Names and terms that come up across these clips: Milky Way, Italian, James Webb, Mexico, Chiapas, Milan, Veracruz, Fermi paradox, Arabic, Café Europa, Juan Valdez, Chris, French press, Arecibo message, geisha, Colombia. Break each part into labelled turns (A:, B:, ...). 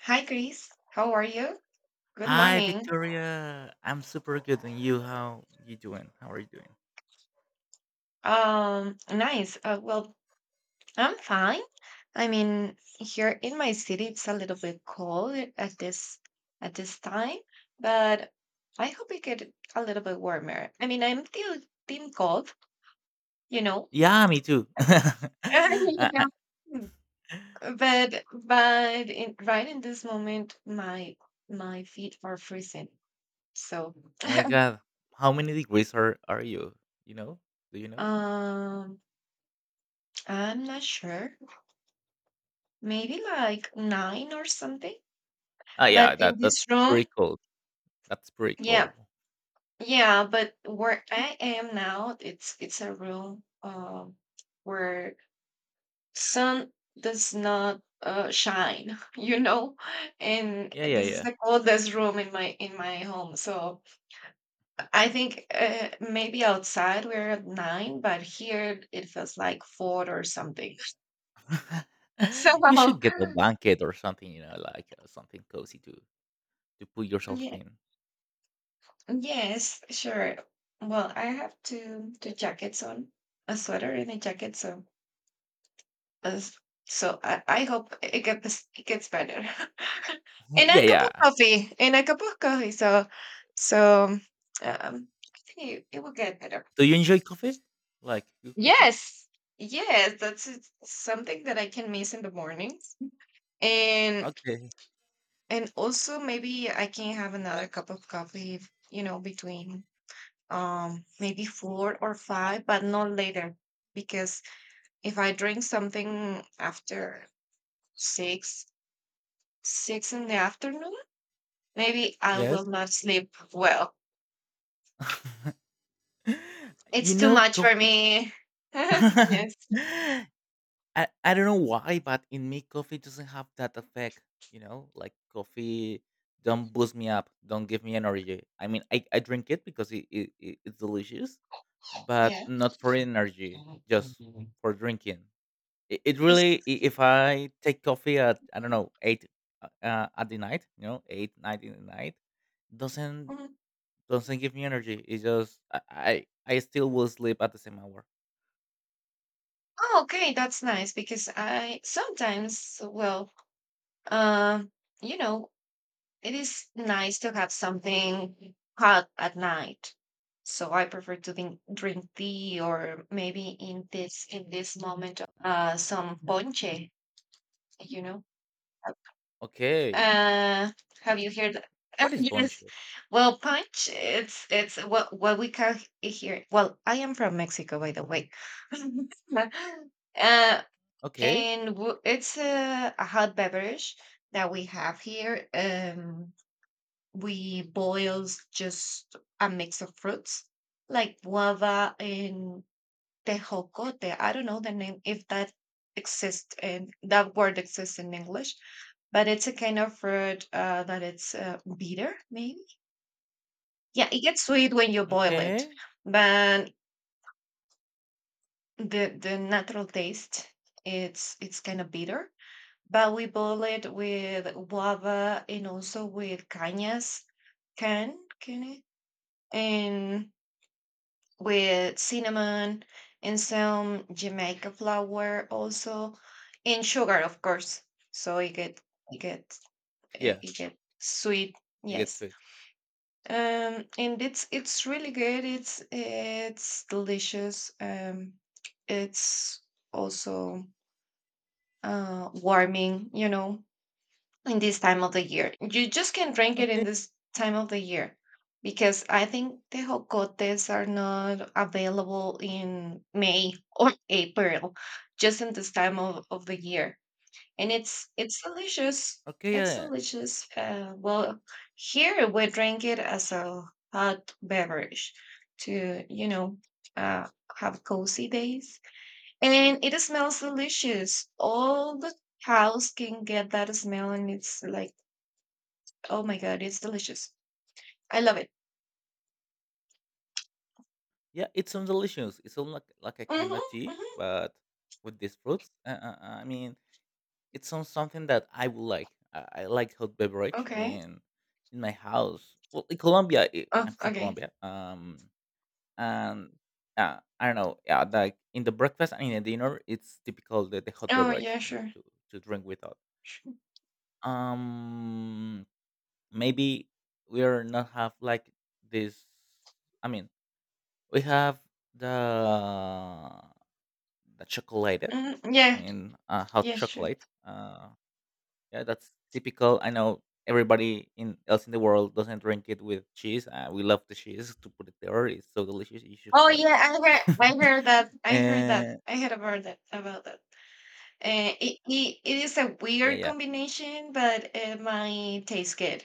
A: Hi, Chris. How are you? Good
B: Hi,
A: morning.
B: Victoria. I'm super good, and you? How you doing? How are you doing?
A: Nice. I'm fine. I mean, here in my city, it's a little bit cold at this time, but I hope it get a little bit warmer. I mean, I'm still team cold, you know.
B: Yeah, me too.
A: I pro- Yeah. Right in this moment, my feet are freezing. So,
B: Oh my god, how many degrees are you? You know? Do you know?
A: um, I'm not sure. Maybe like 9 or something.
B: Ah, yeah,
A: But in
B: that's
A: this
B: pretty
A: room,
B: cold. That's pretty
A: yeah.
B: cold.
A: Yeah, but where I am now, it's a room where sun does not shine, you know? And
B: Yeah, yeah,
A: this is
B: yeah.
A: the coldest room in my home. So I think maybe outside we're at 9, but here it feels like 4 or something. So,
B: You should get a blanket or something, like, something cozy to put yourself
A: yeah.
B: in.
A: Yes, sure. Well, I have two jackets on, a sweater and a jacket, so as so I hope it gets better. And
B: Yeah,
A: a cup
B: yeah.
A: of coffee, and a cup of coffee. So so I think it will get better.
B: Do you enjoy coffee? Like, good coffee?
A: Yes, yes, that's it- something that I can miss in the mornings, and
B: Okay.
A: and also maybe I can have another cup of coffee, you know, between maybe four or five but not later because if I drink something after six six in the afternoon maybe I
B: Yes.
A: will not sleep well
B: You
A: it's too
B: know,
A: much for
B: coffee.
A: me yes
B: I don't know why, but in me, coffee doesn't have that effect, you know? Like, coffee don't boost me up, don't give me energy. I mean, I drink it because it's delicious, but
A: yeah
B: not for energy, just for drinking. It
A: just
B: really, if I take coffee at I don't know eight at the night, 8, 9 in the night, doesn't
A: mm,
B: doesn't give me energy. It's just I still will sleep at the same hour.
A: oh okay that's nice because I sometimes well um you know it is nice to have something hot at night. So I prefer to think, drink tea or maybe in this moment some ponche, you know.
B: Okay,
A: Uh have you heard
B: what
A: that?
B: is
A: Yes.
B: bunchy?
A: Well, punch it's what we call here. Well, I am from Mexico, by the way. uh
B: Okay,
A: and w- it's a hot beverage that we have here. We boils just a mix of fruits like guava and tejocote. I don't know the name if that exists and that word exists in English, but it's a kind of fruit that it's bitter, maybe. Yeah, it gets sweet when you boil it,
B: okay,
A: but the natural taste it's kind of bitter. But we boil it with guava and also with cañas, can it? And with cinnamon and some Jamaica flour also, and sugar, of course. So it get it get it
B: yeah,
A: it get sweet.
B: it gets
A: Yes,
B: sweet.
A: and it's really good. It's delicious. It's also warming. You know, in this time of the year. You just can drink it
B: Okay,
A: in this time of the year because I think the jocotes are not available in May or April, just in this time of the year. And it's delicious.
B: okay,
A: It's
B: yeah,
A: delicious. Here we drink it as a hot beverage to, you know, uh, have cozy days. And it smells delicious. All the house can get that smell and it's like, oh my god, it's delicious. I love it.
B: yeah, it sounds delicious. It sounds like a kind
A: Mhm,
B: of tea,
A: mhm.
B: but with these fruits. I mean, it's something that I would like. I like hot beverage. I
A: Okay.
B: mean, in my house, well, in Colombia, i
A: Oh,
B: I'm from
A: okay.
B: Colombia. And I don't know. Yeah, like in the breakfast and in the dinner, it's typical the hot
A: Oh
B: beverage.
A: yeah, sure.
B: To drink without. Um, Maybe we are not have like this. I mean, we have the the chocolate.
A: Mm,
B: I
A: yeah,
B: mean, hot
A: yeah, sure.
B: chocolate. Yeah, that's typical. I know everybody in else in the world doesn't drink it with cheese. We love the cheese to put it there. It's so delicious. You should
A: Oh
B: try it.
A: yeah, I heard that, I heard that,
B: And
A: I heard about that, about that. It, it, it is a
B: yeah,
A: weird
B: yeah,
A: combination, but it might taste good.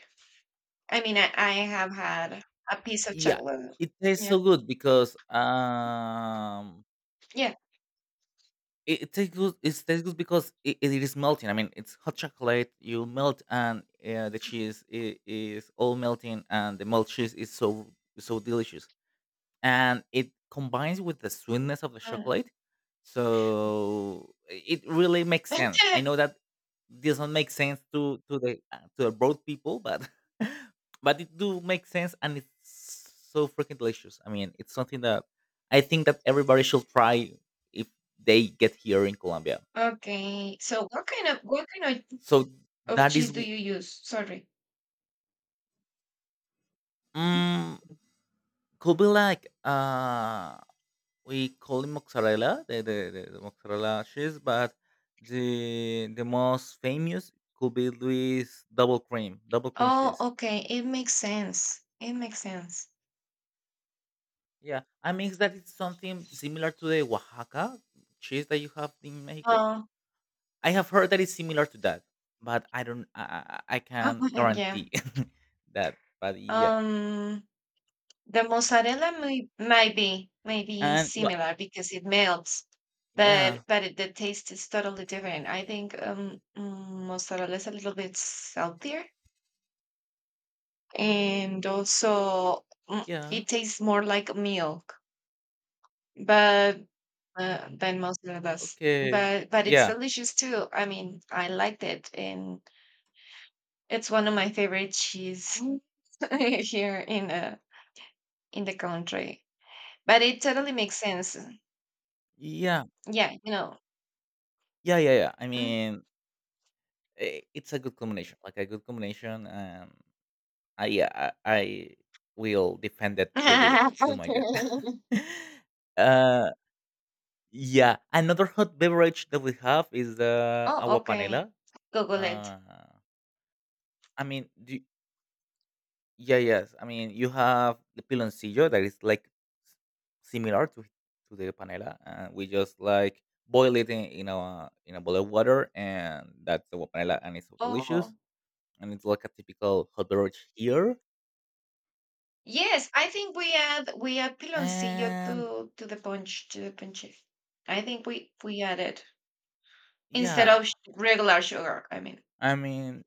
A: I mean, I have had a piece of
B: yeah.
A: chocolate.
B: It tastes
A: Yeah,
B: so good because
A: yeah.
B: it tastes good. It tastes good because it is melting. I mean, it's hot chocolate. You melt, and the cheese is all melting, and the melt cheese is so so delicious, and it combines with the sweetness of the
A: uh,
B: chocolate. So it really makes sense. I know that doesn't make sense to the broad people, but but it do make sense, and it's so freaking delicious. I mean, it's something that I think that everybody should try if they get here in Colombia.
A: okay, so what kind
B: So
A: of
B: that is
A: cheese do you use? Sorry.
B: mm, could be like we call him mozzarella, the mozzarella cheese, but the most famous could be Louis double cream
A: Oh,
B: cheese.
A: okay. It makes sense. It makes sense.
B: Yeah, I mean that it's something similar to the Oaxaca cheese that you have in Mexico.
A: Oh,
B: I have heard that it's similar to that, but I don't, I can't
A: yeah.
B: guarantee that. But yeah,
A: Um, the mozzarella may might be maybe
B: and what?
A: similar because it melts,
B: Yeah,
A: but it, the taste is totally different. I think mozzarella is a little bit saltier, and also
B: yeah,
A: it tastes more like milk, but than mozzarella does.
B: okay,
A: But it's
B: yeah,
A: delicious too. I mean, I liked it and. It's one of my favorite cheese here in the country. But it totally makes sense.
B: yeah,
A: Yeah, you know.
B: yeah, yeah, yeah. I
A: Mm.
B: mean, I it's a good combination, like a good combination, and I yeah, I will defend that till my death. uh, yeah, another hot beverage that we have is the
A: Oh,
B: agua
A: okay.
B: panela.
A: Google it.
B: Uh, I mean, do, yeah, yes. I mean, you have the piloncillo that is like s- similar to the panela, and we just like boil it in a bowl of water, and that's the agua panela, and it's so delicious
A: Oh.
B: and it's like a typical hot beverage here.
A: Yes, I think we add piloncillo
B: And
A: to the punch to the punch. I think we add it instead
B: yeah,
A: of sh- regular sugar. I mean,
B: I mean,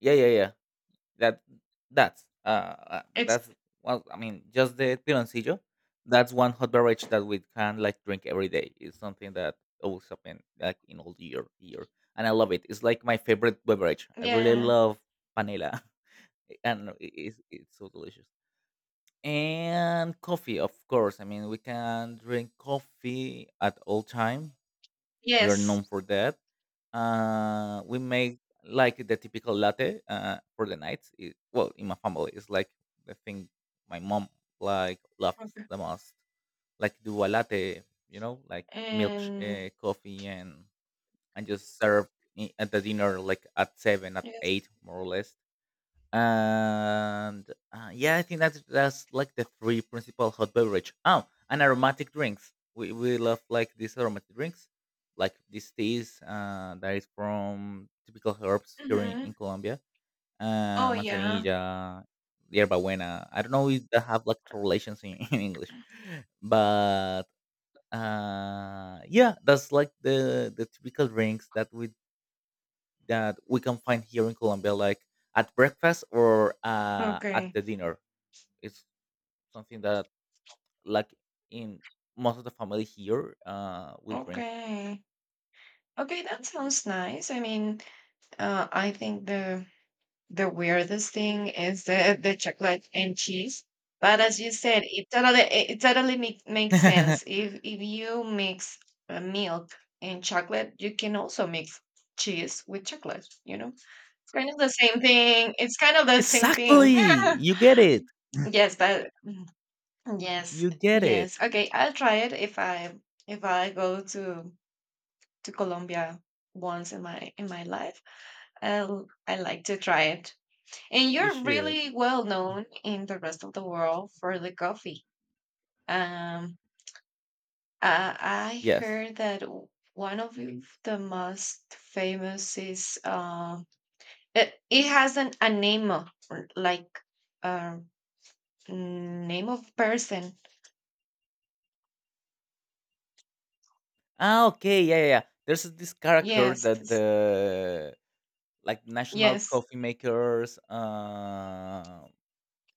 B: yeah, yeah, yeah. That that's uh uh,
A: it's
B: that's well, I mean, just the piloncillo. That's one hot beverage that we can like drink every day. It's something that always happen like in all year, and I love it. It's like my favorite beverage. I really
A: yeah.
B: love panela, and it's so delicious. And coffee, of course. I mean, we can drink coffee at all time. We are
A: Yes.
B: known for that. We make like the typical latte for the night. Well, in my family, it's like the thing my mom like loves
A: Okay.
B: the most. Like do a latte, like milk,
A: And
B: coffee, and just serve at the dinner like at seven, at
A: yes.
B: eight, more or less and yeah, I think that's like the three principal hot beverage. Oh, and aromatic drinks. We love like these aromatic drinks, like these teas that is from typical herbs here in
A: Hmm.
B: Colombia.
A: Oh yeah.
B: Manzanilla, yerba buena. I don't know if they have like translations in, in English, but yeah, that's like the typical drinks that we can find here in Colombia, like at breakfast or at
A: Okay.
B: the dinner. It's something that, like in most of the family here, will drink.
A: Okay. Okay, that sounds nice. I mean, I think the weirdest thing is the chocolate and cheese. But as you said, it totally it it totally make, makes sense. If you mix milk and chocolate, you can also mix cheese with chocolate, you know? It's kind of the same thing. It's kind of the same
B: Exactly,
A: thing.
B: you get it.
A: Yes, but yes,
B: You get it.
A: yes. Okay, I'll try it if I go to Colombia once in my life. i I like to try it. And
B: You
A: you're
B: should.
A: really well known in the rest of the world for the coffee. Um, I
B: Yes.
A: heard that one of the most famous is it, it has an a name of- or like uh, name of person.
B: Ah, okay. Yeah, yeah. Yeah. There's this character
A: Yes,
B: that
A: s-
B: the like national
A: yes,
B: coffee makers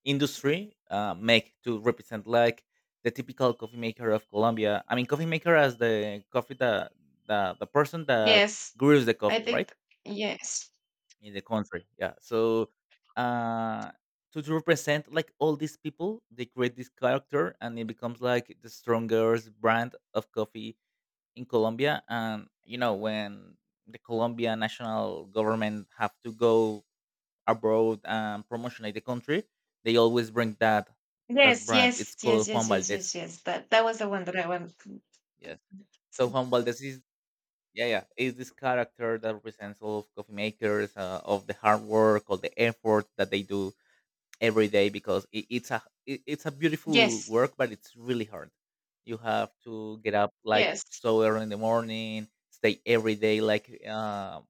B: industry make to represent like the typical coffee maker of Colombia. I mean, coffee maker as the coffee that the person that
A: yes.
B: grows the
A: I
B: coffee, right,
A: think yes.
B: in the country. Yeah. So uh, to represent like all these people, they create this character, and it becomes like the strongest brand of coffee in Colombia. And you know when the Colombian national government have to go abroad and promotionate the country, they always bring that
A: Yes,
B: brand.
A: yes,
B: It's
A: yes,
B: called Juan
A: yes, yes, yes,
B: Valdez.
A: yes. That that was the one that I want.
B: Yes. So Juan Valdez is yeah yeah is this character that represents all of coffee makers of the hard work all the effort that they do every day because it's a beautiful
A: Yes,
B: work but it's really hard. You have to get up like
A: yes.
B: so early in the morning, stay every day like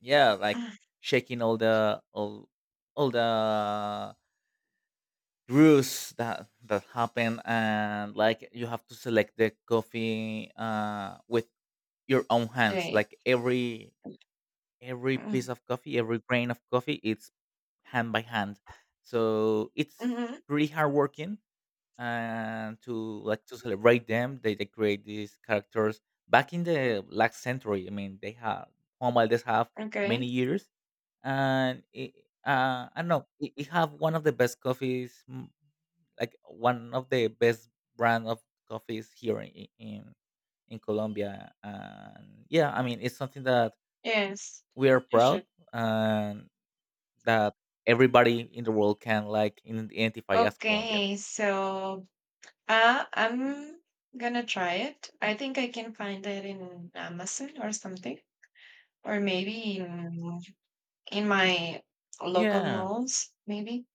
B: yeah like shaking all the brews that happen and like you have to select the coffee with your own hands
A: 对.
B: like every
A: Uh,
B: piece of coffee every grain of coffee it's hand by hand so it's
A: mhm.
B: pretty hard working and to like to celebrate them they create these characters back in the last century. I mean they have Juan Valdez have many
A: Okay.
B: years, and I don't know it have one of the best coffees, like one of the best brand of coffees here in Colombia. And yeah, I mean, it's something that
A: Yes.
B: we are
A: You
B: proud
A: should.
B: and that everybody in the world can like identify as Colombian.
A: Okay. So I'm gonna try it. I think I can find it in Amazon or something, or maybe in my local
B: Yeah.
A: malls. Maybe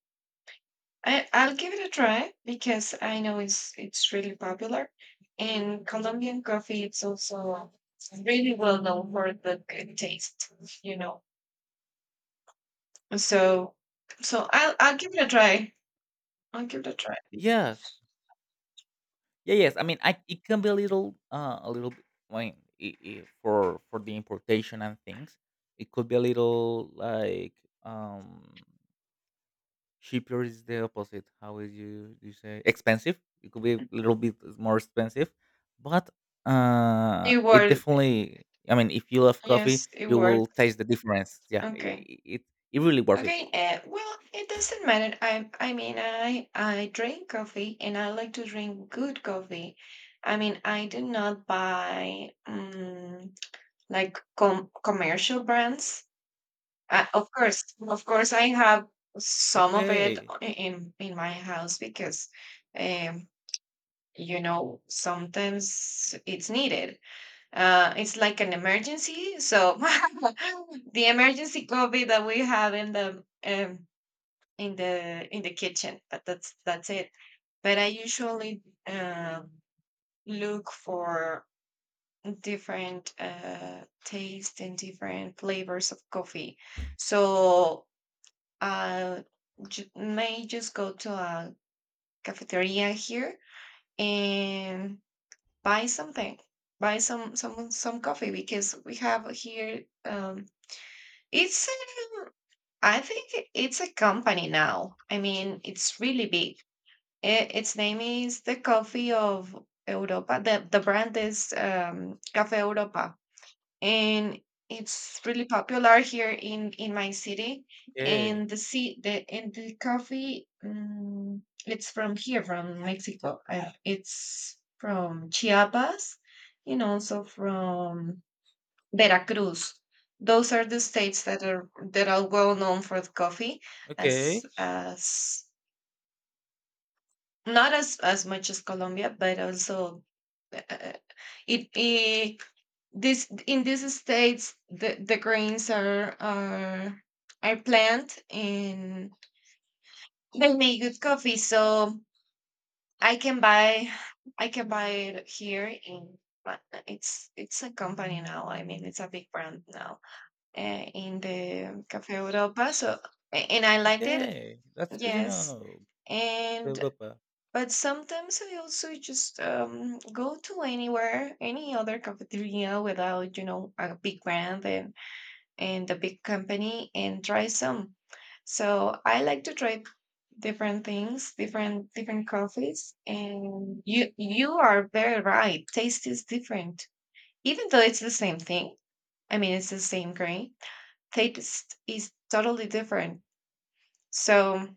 A: I'll give it a try because I know it's really popular, and Colombian coffee it's also really well known for the good taste. You know. So so I'll give it a try. I'll give it a try.
B: Yes. Yeah. Yes. I mean, I it can be a little. I mean, I for the importation and things, it could be a little like um Cheaper is the opposite. How is you say expensive? It could be a little bit more expensive, but
A: It
B: it
A: worked.
B: definitely. I mean, if you love coffee,
A: Yes, it
B: you will
A: worked.
B: taste the difference. Yeah, it
A: Okay.
B: it, it really worth it.
A: Okay. It doesn't matter. I mean, I drink coffee and I like to drink good coffee. I mean, I do not buy like com commercial brands. Of course, I have some of it
B: Okay,
A: in my house because, um, you know, sometimes it's needed. It's like an emergency. So the emergency coffee that we have in the in the in the kitchen, but that's it. But I usually look for different taste and different flavors of coffee. So I ju- may just go to a cafeteria here and buy something buy some some coffee because we have here it's um, I think it's a company now. I mean, it's really big. I Its name is the Coffee of Europa. The brand is Café Europa, and it's really popular here in my city.
B: okay,
A: And the sea the and the coffee, it's from here, from Mexico. It's from Chiapas, and also from Veracruz. Those are the states that are well known for the coffee,
B: okay,
A: as not as as much as Colombia, but also uh, it, it this in these states the grains are planted and they make good coffee. So I can buy I can buy it here in. But it's a company now. I mean, it's a big brand now in the Cafe Europa. So, a- and I liked it,
B: okay. That's good to
A: yes.
B: know,
A: And
B: Europa.
A: but sometimes I also just go to anywhere, any other cafeteria without you know a big brand and a big company and try some. So I like to try different things, different different coffees. And you are very right. Taste is different, even though it's the same thing. I mean, it's the same grain taste is totally different. So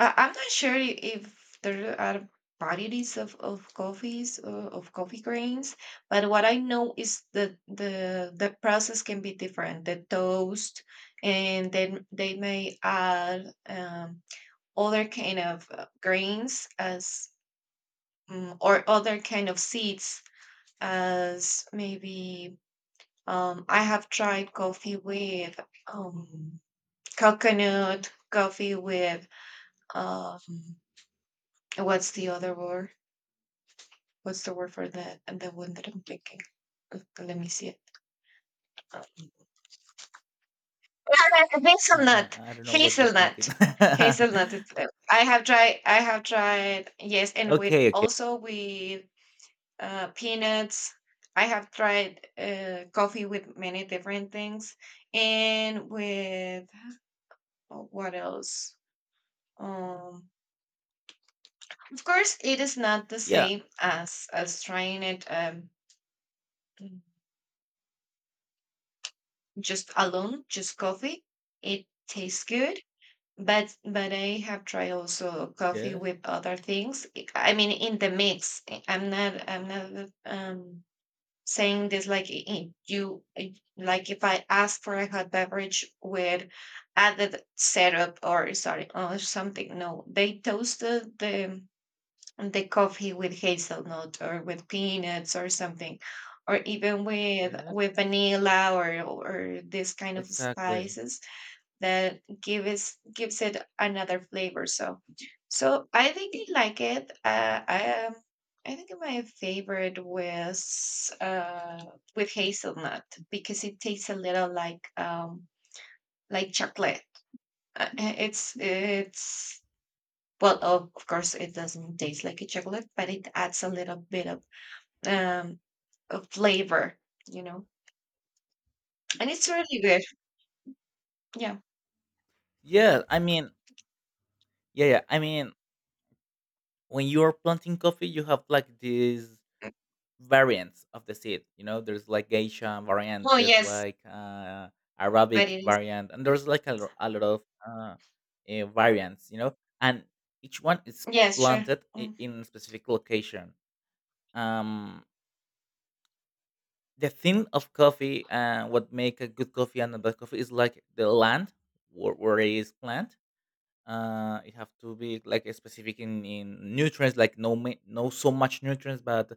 A: I'm not sure if there are varieties of coffees or of coffee grains, but what I know is that the process can be different. The toast, and then they may add other kind of grains as or other kind of seeds as maybe I have tried coffee with um, coconut, coffee with um, what's the other word? What's the word for that? And the one that I'm thinking. Let me see it. Uh,
B: I, I,
A: Hazelnut,
B: I don't know what you're thinking.
A: hazelnut, hazelnut. I have tried. I have tried. Yes, and with
B: Okay, okay.
A: also with peanuts. I have tried coffee with many different things, and with oh, what else? Um, of course, it is not the
B: Yeah.
A: same as trying it. Just alone, just coffee. It tastes good, but I have tried also coffee
B: Yes.
A: with other things. I mean, in the mix. I'm not I'm not saying this like like if I ask for a hot beverage with added syrup or sorry or something. No, they toast the and the coffee with hazelnut or with peanuts or something or even with
B: Yes.
A: vanilla or this kind of
B: Exactly.
A: spices that gives it another flavor, so I think I like it. I think my favorite was with hazelnut because it tastes a little like chocolate. It's well, of course, it doesn't taste like a chocolate, but it adds a little bit um of flavor, you know. And it's really good. Yeah.
B: Yeah. I mean. Yeah. Yeah. I mean. When you are planting coffee, you have like these variants of the seed. You know, there's like geisha variant,
A: Oh,
B: there's
A: yes,
B: like
A: but
B: Arabic
A: it is.
B: variant, and there's like a lot of variants. You know, and each one is
A: Yes, sure.
B: planted
A: Mm.
B: in a specific location. Um, the thing of coffee, what make a good coffee and a bad coffee is like the land where it is planted. It have to be like specific in nutrients like no so much nutrients but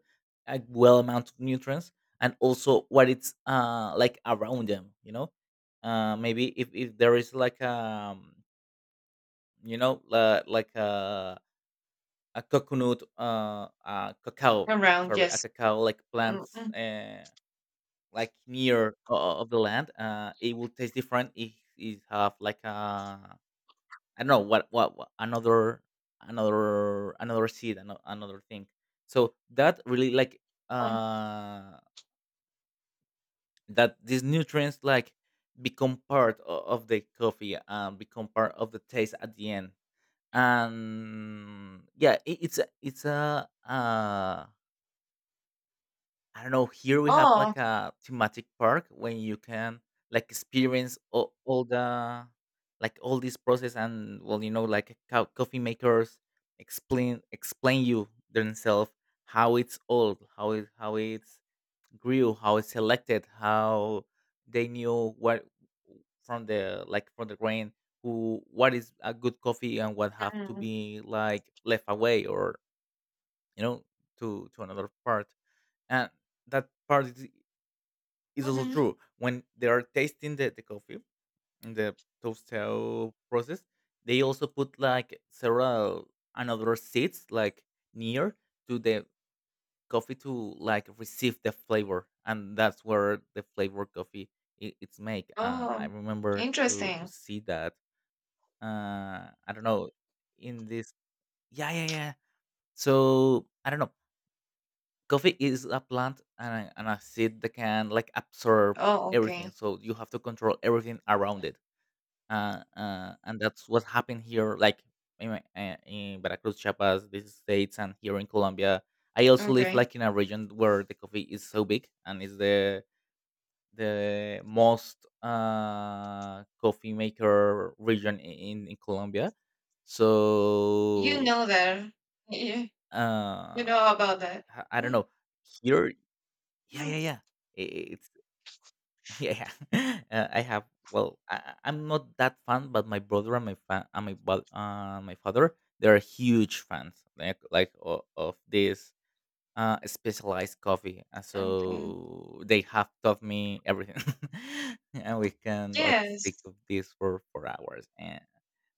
B: a well amount of nutrients, and also what it's like around them maybe if there is like like a coconut cacao,
A: Around,
B: sorry, a
A: yes.
B: cacao like
A: Mm,
B: plants
A: mm,
B: like near of the land. It will taste different if it have like a I don't know what another seed, another thing. So that really like
A: mm.
B: uh that these nutrients like become part of the coffee and become part of the taste at the end. And yeah, it, it's a I don't know, here we have
A: Oh.
B: like a thematic park when you can like experience all the like all this process and well, like coffee makers explain you themselves how it's old, how it's grew, how it's selected, how they knew what from the grain who what is a good coffee and what have to
A: Mm,
B: be like left away or you know to another part, and that part is it's also
A: mhm.
B: true when they are tasting the coffee in the toaster process, they also put like several another seeds like near to the coffee to like receive the flavor, and that's where the flavor coffee it's make. I
A: Oh.
B: remember to
A: Interesting.
B: see that. I don't know in this. Yeah, yeah, yeah. So I don't know, coffee is a plant and and a seed that can like absorb
A: Oh,
B: everything,
A: okay.
B: so you have to control everything around it, and that's what happened here, like in, in Veracruz, Chiapas, these states, and here in Colombia. I also live
A: Okay.
B: like in a region where the coffee is so big and is the the most coffee maker region in Colombia.
A: You
B: So
A: know that. You,
B: uh,
A: you know about that.
B: I don't
A: Mm,
B: know here. Yeah, yeah,
A: mm.
B: yeah. i- yeah, yeah. I have. Well, I'm not that fan, but my brother and my my father, they are huge fans, like of this specialized coffee. Uh,
A: Okay.
B: So they have taught me everything, and we can like
A: Yes.
B: speak of this for hours.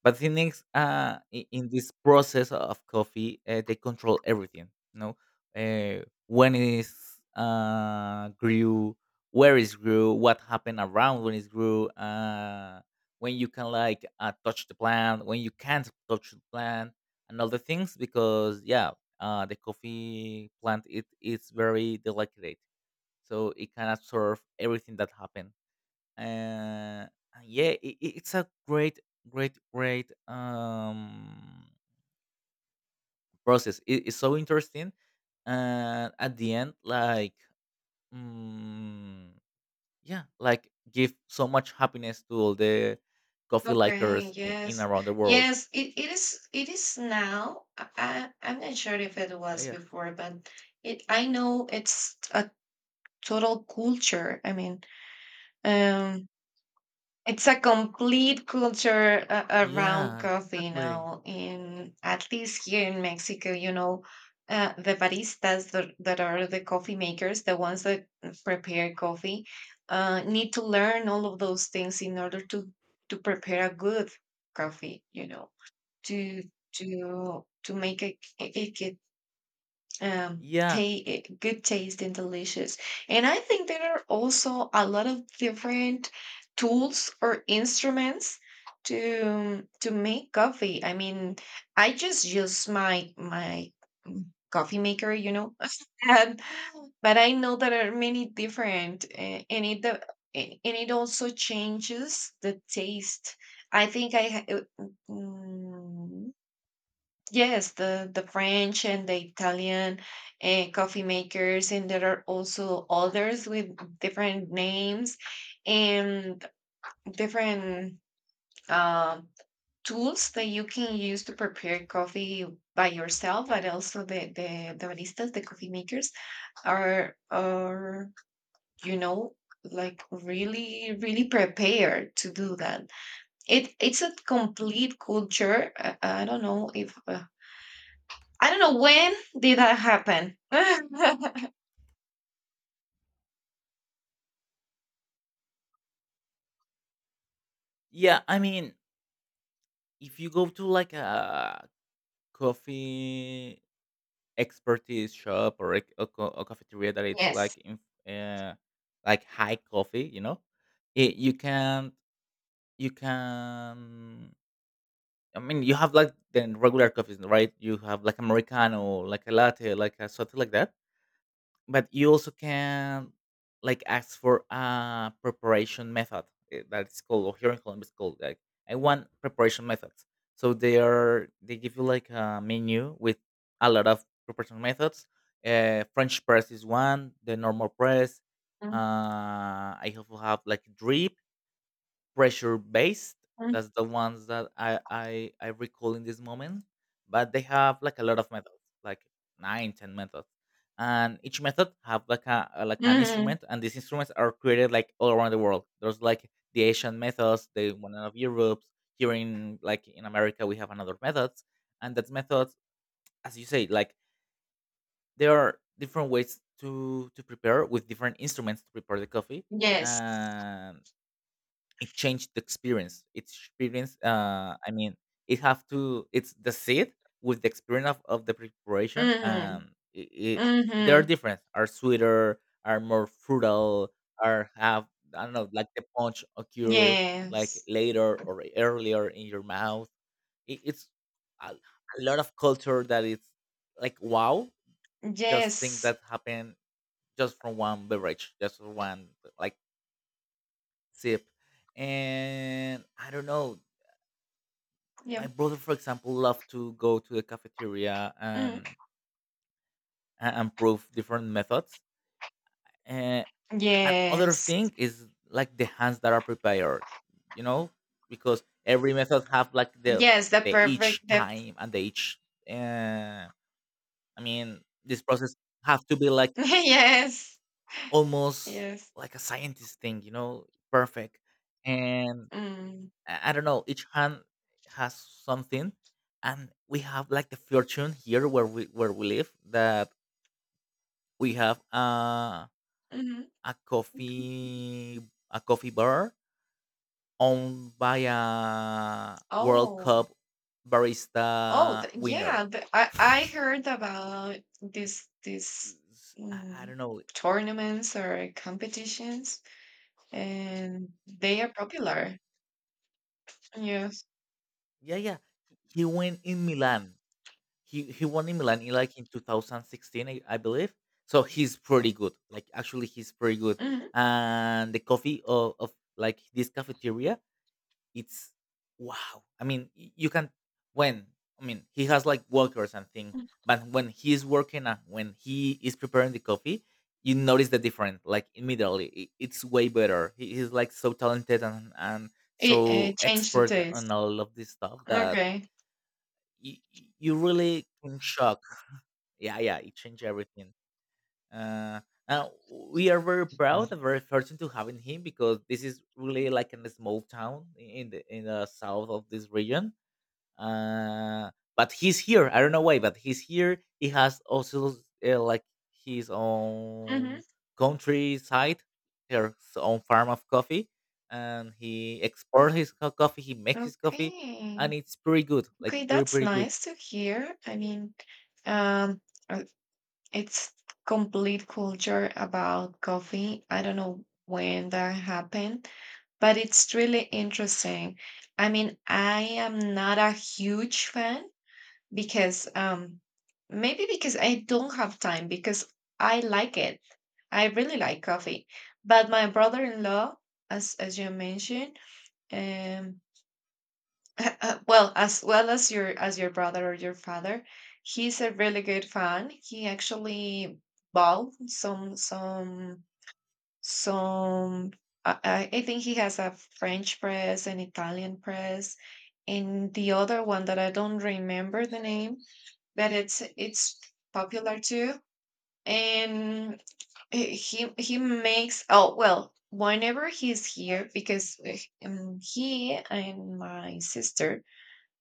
B: But Phoenix, in this process of coffee, they control everything. You know, when it's grew, where it's grew, what happened around when it's grew, when you can like touch the plant, when you can't touch the plant, and other things. Because yeah, the coffee plant it is very delicate, so it can absorb everything that happens, and yeah, it's a great, great, great process. It's so interesting, and at the end, like, mm, yeah, like give so much happiness to all the coffee
A: Okay,
B: likers in
A: yes.
B: around the world.
A: Yes, it is now. I'm not sure if it
B: Yeah,
A: was
B: yeah,
A: before, but it I know it's a total culture. I mean, um it's a complete culture around
B: yeah,
A: coffee
B: exactly.
A: now. In at least here in Mexico, the baristas, that are the coffee makers, the ones that prepare coffee, need to learn all of those things in order to prepare a good coffee. You know, to to make it, it, it um,
B: Yeah,
A: ta- eh, good taste and delicious. And I think there are also a lot of different tools or instruments to make coffee. I mean, I just use my mm, coffee maker, and, but I know there are many different, and it also changes the taste. I think I ha- mm, Yes, the French and the Italian coffee makers, and there are also others with different names and different uh, tools that you can use to prepare coffee by yourself. But also the baristas, the coffee makers, are you know like really prepared to do that. It's a complete culture. I don't know if, I don't know when did that happen.
B: yeah. I mean, if you go to like a coffee expertise shop or a cafeteria that it's
A: Yes.
B: like in, uh, like high coffee, you know, you can, you can I mean you have like the regular coffees, right? You have like americano, like a latte, like a something like that, but you also can like ask for a preparation method, that's called, or here in Colombia it's called like I want preparation methods. So they are, they give you like a menu with a lot of preparation methods. French press is one, the normal press.
A: Mhm.
B: I also have like drip, pressure based. That's the ones that I recall in this moment. But they have like a lot of methods, like nine, ten methods, and each method have like a like an
A: Mhm.
B: instrument, and these instruments are created like all around the world. There's like the Asian methods, the one of Europe. Here in like in America, we have another methods, and that methods, as you say, like there are different ways to prepare with different instruments to prepare the coffee.
A: Yes.
B: And it changed the experience. It's experience. I mean, it have to. It's the seed with the experience of the preparation.
A: Mhm.
B: It, they are
A: Mhm.
B: different. Are sweeter. Are more frutal. Are have, I don't know, like the punch occur like
A: Yes.
B: later or earlier in your mouth. It's a lot of culture that it's like wow. Just think
A: Yes.
B: that happened just from one beverage, just from one, like, sip, and I don't know. My
A: Yeah.
B: brother, for example, loved to go to the cafeteria
A: Mhm.
B: and and prove different methods, uh, and other
A: Yes.
B: thing is like the hands that are prepared, you know, because every method have like
A: Yes. The
B: the
A: perfect.
B: each
A: The
B: time and the each, uh, I mean this process have to be like
A: Yes.
B: almost
A: Yes.
B: like a scientist thing, you know, perfect. And I
A: Mm.
B: I don't know, each hand has something, and we have like the fortune here where we live, that we have
A: Mhm.
B: a coffee, a coffee bar owned by a World
A: Oh.
B: Cup
A: Oh.
B: barista winner.
A: Yeah. I I heard about this
B: S- I
A: mm,
B: don't know.
A: tournaments or competitions, and they are popular. Yeah.
B: Yeah, yeah. He went in Milan. He won in Milan in like in 2016, I believe. So he's pretty good. Like actually, he's pretty good.
A: Mhm.
B: And the coffee of like this cafeteria, it's wow. I mean, you can, when, I mean he has like workers and thing, but when he's working and when he is preparing the coffee, you notice the difference. Like immediately, it's way better. He's like so talented and
A: It
B: so
A: it changed the
B: expert on
A: taste.
B: all of this stuff that
A: Okay.
B: you, you really can shock. Yeah, yeah, it changed everything. uh, uh we are very proud
A: Mhm.
B: and very fortunate to having him, because this is really like in a small town in the south of this region. Uh, but he's here. I don't know why, but he's here. He has also, like, his
A: Mhm.
B: own countryside, his own farm of coffee, and he exports his coffee, he makes his coffee,
A: Okay.
B: and it's pretty good, like,
A: Okay,
B: pretty,
A: that's
B: pretty good.
A: nice to hear. I mean, um, uh, it's complete culture about coffee. I don't know when that happened, but it's really interesting. I mean, I am not a huge fan because maybe because I don't have time, because I like it. I really like coffee. But my brother-in-law, as you mentioned, um well, as well as your brother or your father, he's a really good fan. He actually bought some I think he has a French press, an Italian press, and the other one that I don't remember the name, but it's popular too. And he makes, oh, well, whenever he's here because he and my sister,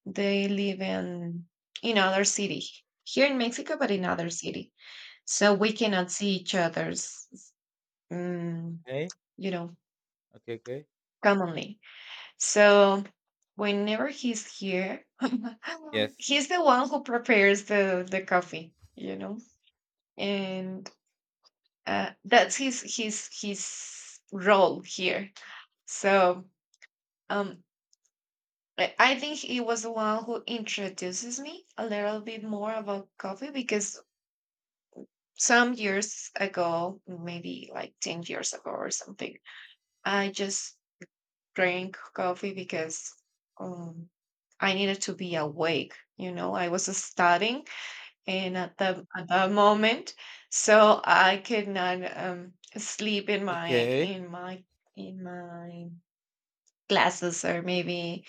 A: they live in other city here in Mexico, but in other city, so we cannot see each other's, um,
B: Okay,
A: you know
B: okay, okay,
A: commonly. So whenever he's here,
B: yes,
A: he's the one who prepares the coffee, you know. And that's his role here. So um, I think he was the one who introduces me a little bit more about coffee because some years ago, maybe like 10 years ago or something, I just drank coffee because um, I needed to be awake. You know, I was studying, and at that moment, so I could not sleep in my
B: okay,
A: in my in my classes, or maybe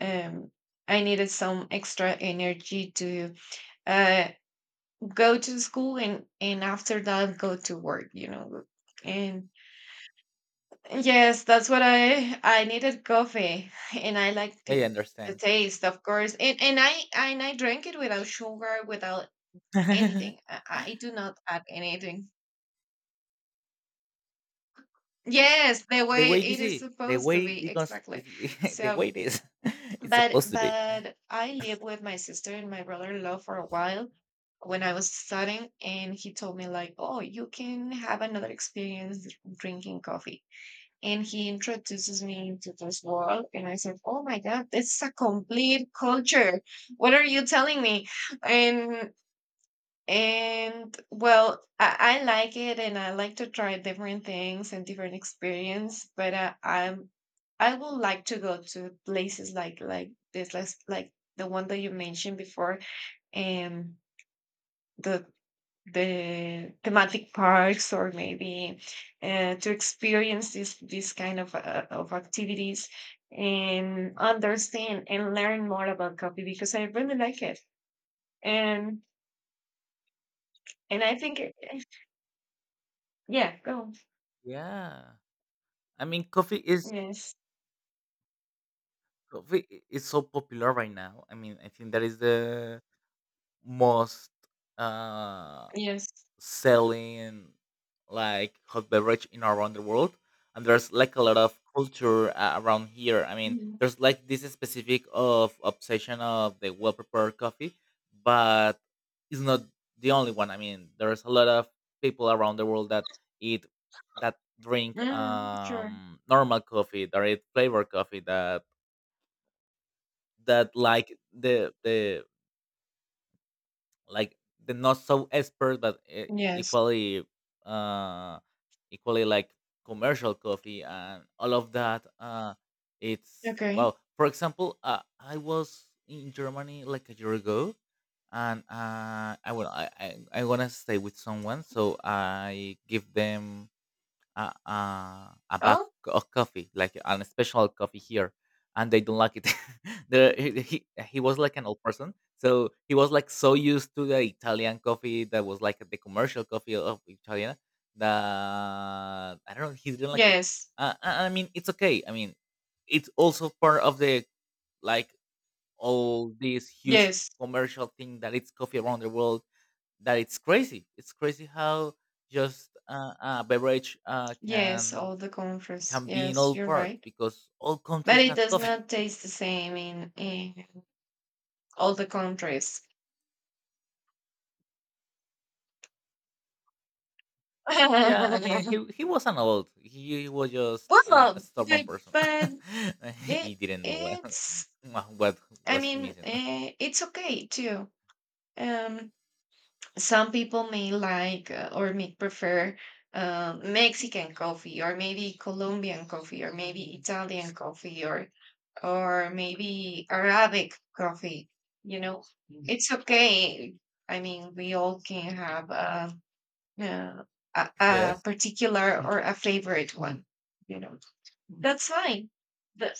A: um, I needed some extra energy to uh, go to school and after that go to work. And yes, that's what I needed coffee, and I liked
B: I
A: it, the
B: understand.
A: taste, of course. And I drank it without sugar, without anything. I do not add anything. Yes, the
B: The
A: way
B: way you
A: it is
B: see, the
A: supposed to
B: way
A: be,
B: because
A: exactly.
B: it's, the
A: So.
B: way it is, it's
A: But
B: supposed to be.
A: but I lived with my sister and my brother-in-law for a while when I was studying, and he told me like, "Oh, you can have another experience drinking coffee." And he introduces me into this world, and I said, "Oh my God, this is a complete culture. What are you telling me?" And and well, I like it, and I like to try different things and different experience, but I would like to go to places like this, like the one that you mentioned before, and the the thematic parks, or maybe to experience this kind of activities and understand and learn more about coffee, because I really like it, and I think yeah, go.
B: Yeah, I mean, coffee is,
A: Yes.
B: is so popular right now. I mean, I think that is the most. Uh,
A: Yes.
B: selling like hot beverage in around the world, and there's like a lot of culture, around here. I mean,
A: Mhm.
B: there's like this specific of obsession of the well prepared coffee, but it's not the only one. I mean, there's a lot of people around the world that eat, that drink
A: Mm, sure.
B: normal coffee, that eat flavored coffee, that that like the like the not so expert but
A: Yes.
B: equally uh equally like commercial coffee, and all of that, uh, it's,
A: Okay.
B: well, for example, I was in Germany like a year ago, and I will I wanna stay with someone, so I give them a a a bag
A: Oh,
B: of coffee, like an special coffee here, and they don't like it. the, he, he he was like an old person, so he was like so used to the Italian coffee, that was like the commercial coffee of Italian. That I don't know, he didn't like it.
A: yes.
B: I mean, it's okay. I mean, it's also part of the, like, all this huge
A: Yes.
B: commercial thing that it's coffee around the world, that it's crazy. It's crazy how just a beverage
A: Yes,
B: can
A: all the countries.
B: can be in
A: Yes,
B: all
A: you're
B: parts,
A: right.
B: because all
A: But
B: countries
A: it
B: have
A: does
B: coffee.
A: not taste the same in all the countries.
B: Yeah, I mean, he was an adult. He was just
A: Well,
B: a stubborn person.
A: but
B: He
A: it
B: didn't know what,
A: it's
B: what
A: I
B: was he
A: mean,
B: missing.
A: it's okay too. Um some people may like, or may prefer Mexican coffee, or maybe Colombian coffee, or maybe Italian coffee, or maybe Arabic coffee. You know, it's okay. I mean, we all can have uh, a
B: Yes.
A: particular or a favorite one. You know, that's fine. The,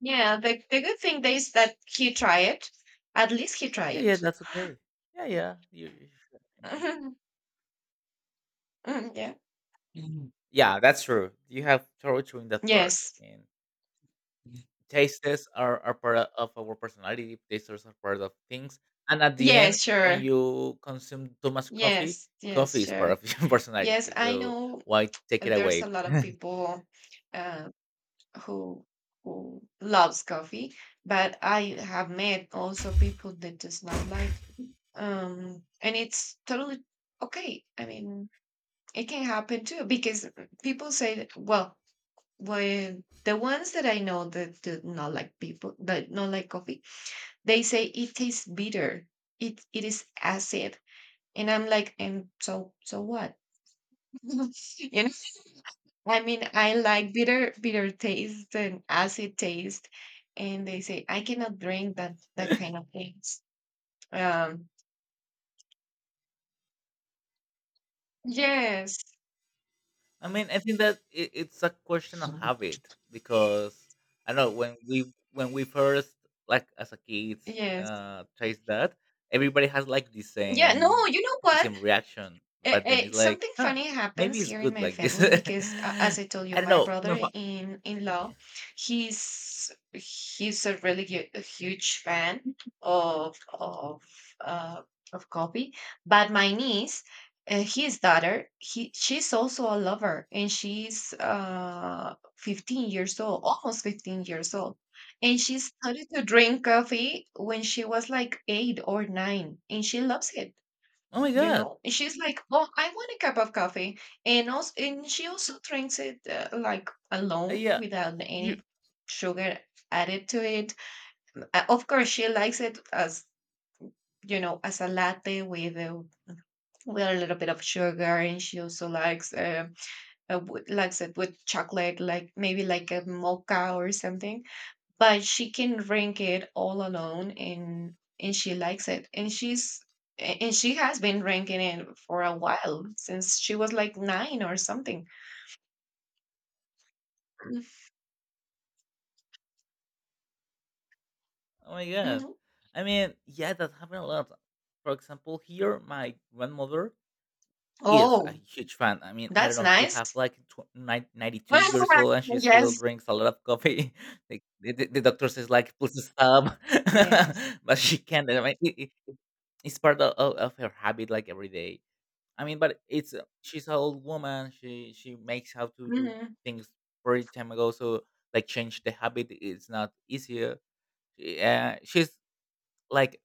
A: yeah, the good thing is that he tried it. At least he
B: Yeah,
A: tried
B: yeah,
A: it.
B: that's okay. Yeah, yeah.
A: Mm, yeah.
B: Yeah, that's true. You have torture in that part.
A: Yes.
B: I mean, tastes are part of our personality. Tastes are part of things. And at the end,
A: Yes,
B: when
A: sure.
B: you consume too much coffee,
A: Yes, yes,
B: coffee is part
A: sure.
B: of your
A: Yes,
B: personality.
A: I
B: So
A: know
B: why take it
A: there's
B: away?
A: a lot of people, uh, who who loves coffee, but I have met also people that does not like it, and it's totally okay. I mean, it can happen too, because people say that, well, when the ones that I know that do not like people that not like coffee, they say it tastes bitter. It is acid. And I'm like, and so what? you know, I mean, I like bitter, bitter taste and acid taste, and they say I cannot drink that kind of things. Um, yes,
B: I mean, I think that it's a question of habit, because I know when we first, like, as a kids,
A: yes,
B: uh, taste that, everybody has like the
A: yeah. No,
B: same
A: you know what?
B: reaction, but then it's like,
A: Something
B: huh,
A: funny
B: maybe
A: happens
B: it's
A: here in
B: good
A: my
B: like this.
A: family because, as I told you,
B: I don't
A: my
B: know.
A: brother in law, he's a really a huge fan of uh, of coffee. But my niece, his daughter, he she's also a lover, and she's 15 years old, almost 15 years old, and she started to drink coffee when she was like 8 or 9, and she loves it,
B: Oh my
A: you
B: god!
A: know, and she's like, oh, I want a cup of coffee. And also and she also drinks it, like, alone
B: Yeah.
A: without
B: You,
A: any sugar added to it. Of course she likes it, as you know, as a latte with a little bit of sugar, and she also likes, it with chocolate, like maybe like a mocha or something, but she can drink it all alone, and she likes it, and she has been drinking it for a while since she was like 9 or something.
B: oh my god.
A: Mhm.
B: I mean, yeah, that happened a lot. For example, here, my grandmother is a
A: Oh,
B: huge fan. I mean, I don't
A: that's
B: know, she
A: nice.
B: have like 92 years old and she still
A: Yes,
B: drinks a lot of coffee. Like the doctor says like please stop.
A: yes.
B: But she can't. I mean, it, it's part of her habit, like every day. I mean, but it's, she's an old woman. She makes how to do
A: Hmm.
B: things very time ago. So like change the habit is not easy. Yeah, she's like,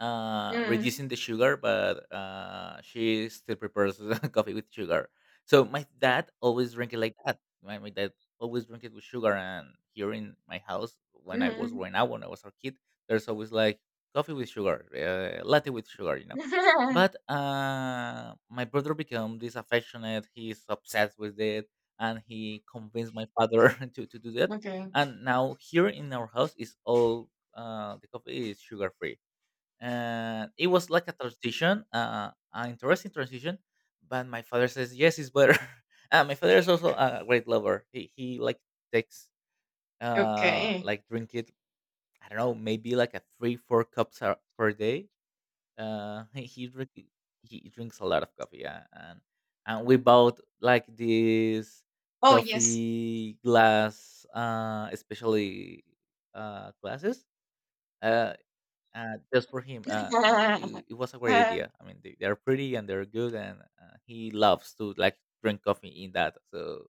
A: Hmm.
B: reducing the sugar, but she still prepares coffee with sugar. So my dad always drink it like that. My dad always drink it with sugar, and here in my house, when I was
A: Hmm.
B: growing up, when I was a kid, there's always like coffee with sugar, latte with sugar, you know. But my brother became disaffectionate. He's obsessed with it, and he convinced my father to do that.
A: Okay,
B: And now here in our house is all, the coffee is sugar free, and it was like a transition, an interesting transition. But my father says yes, it's better. Uh, my father is also a great lover. He like takes,
A: okay.
B: like drink it. I don't know, maybe like a 3, 4 cups per day. Uh, he he, drink, he drinks a lot of coffee. Yeah, and we bought like this
A: Oh, yes.
B: coffee glass, especially, glasses. Uh, just for him. It, it was a great
A: Uh,
B: idea. I mean, they, they're pretty and they're good, and he loves to like drink coffee in that. So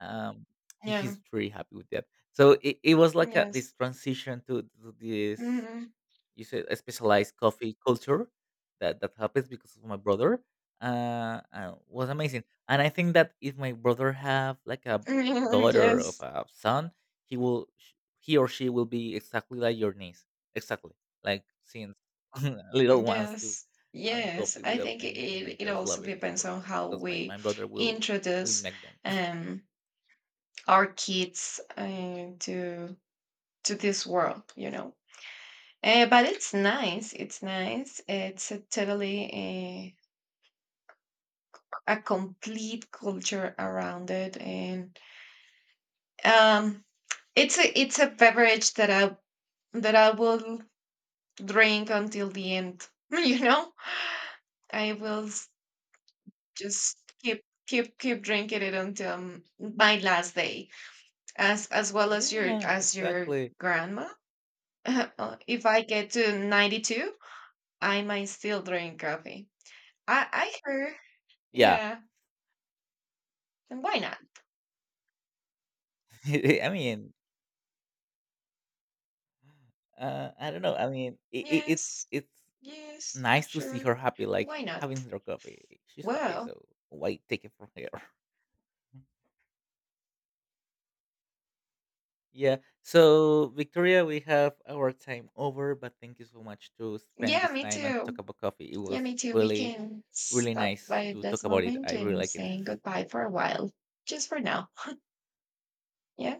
B: um, he,
A: yeah,
B: he's pretty happy with that. So it was like a,
A: yes.
B: this transition to this,
A: Hmm.
B: you said, a specialized coffee culture, that that happens because of my brother, was amazing. And I think that if my brother have like a daughter of
A: Yes.
B: a son, he or she will be exactly like your niece, exactly, like, since little ones to
A: Yes,
B: having
A: yes.
B: coffee
A: I
B: without
A: think
B: anything and
A: it
B: just
A: also
B: loving it
A: depends
B: for,
A: on how
B: because
A: we
B: my brother will
A: introduce
B: make them.
A: um, our kids, to this world. But it's nice. It's nice. It's a totally, a complete culture around it, and um, it's a beverage that I will drink until the end. You know, I will just keep drinking it until, my last day, as well as your
B: Yeah,
A: as your
B: exactly.
A: grandma. If I get to 92, I might still drink coffee. I heard.
B: Yeah.
A: Yeah. And why not?
B: I mean, I don't know. I mean it's
A: Yes,
B: it's
A: yes,
B: nice to see
A: sure.
B: her happy, like
A: Why not?
B: having her coffee. She's happy,
A: Well,
B: so why take it from here? Yeah. So Victoria, we have our time over, but thank you so much to spend
A: yeah,
B: this
A: me
B: time and talk
A: too.
B: about coffee. It
A: Yeah,
B: was
A: me too. We
B: really,
A: can
B: really
A: stop
B: nice
A: by
B: to talk
A: this
B: about it.
A: moment
B: I really
A: and
B: like it.
A: saying goodbye for a while, just for now. Yeah.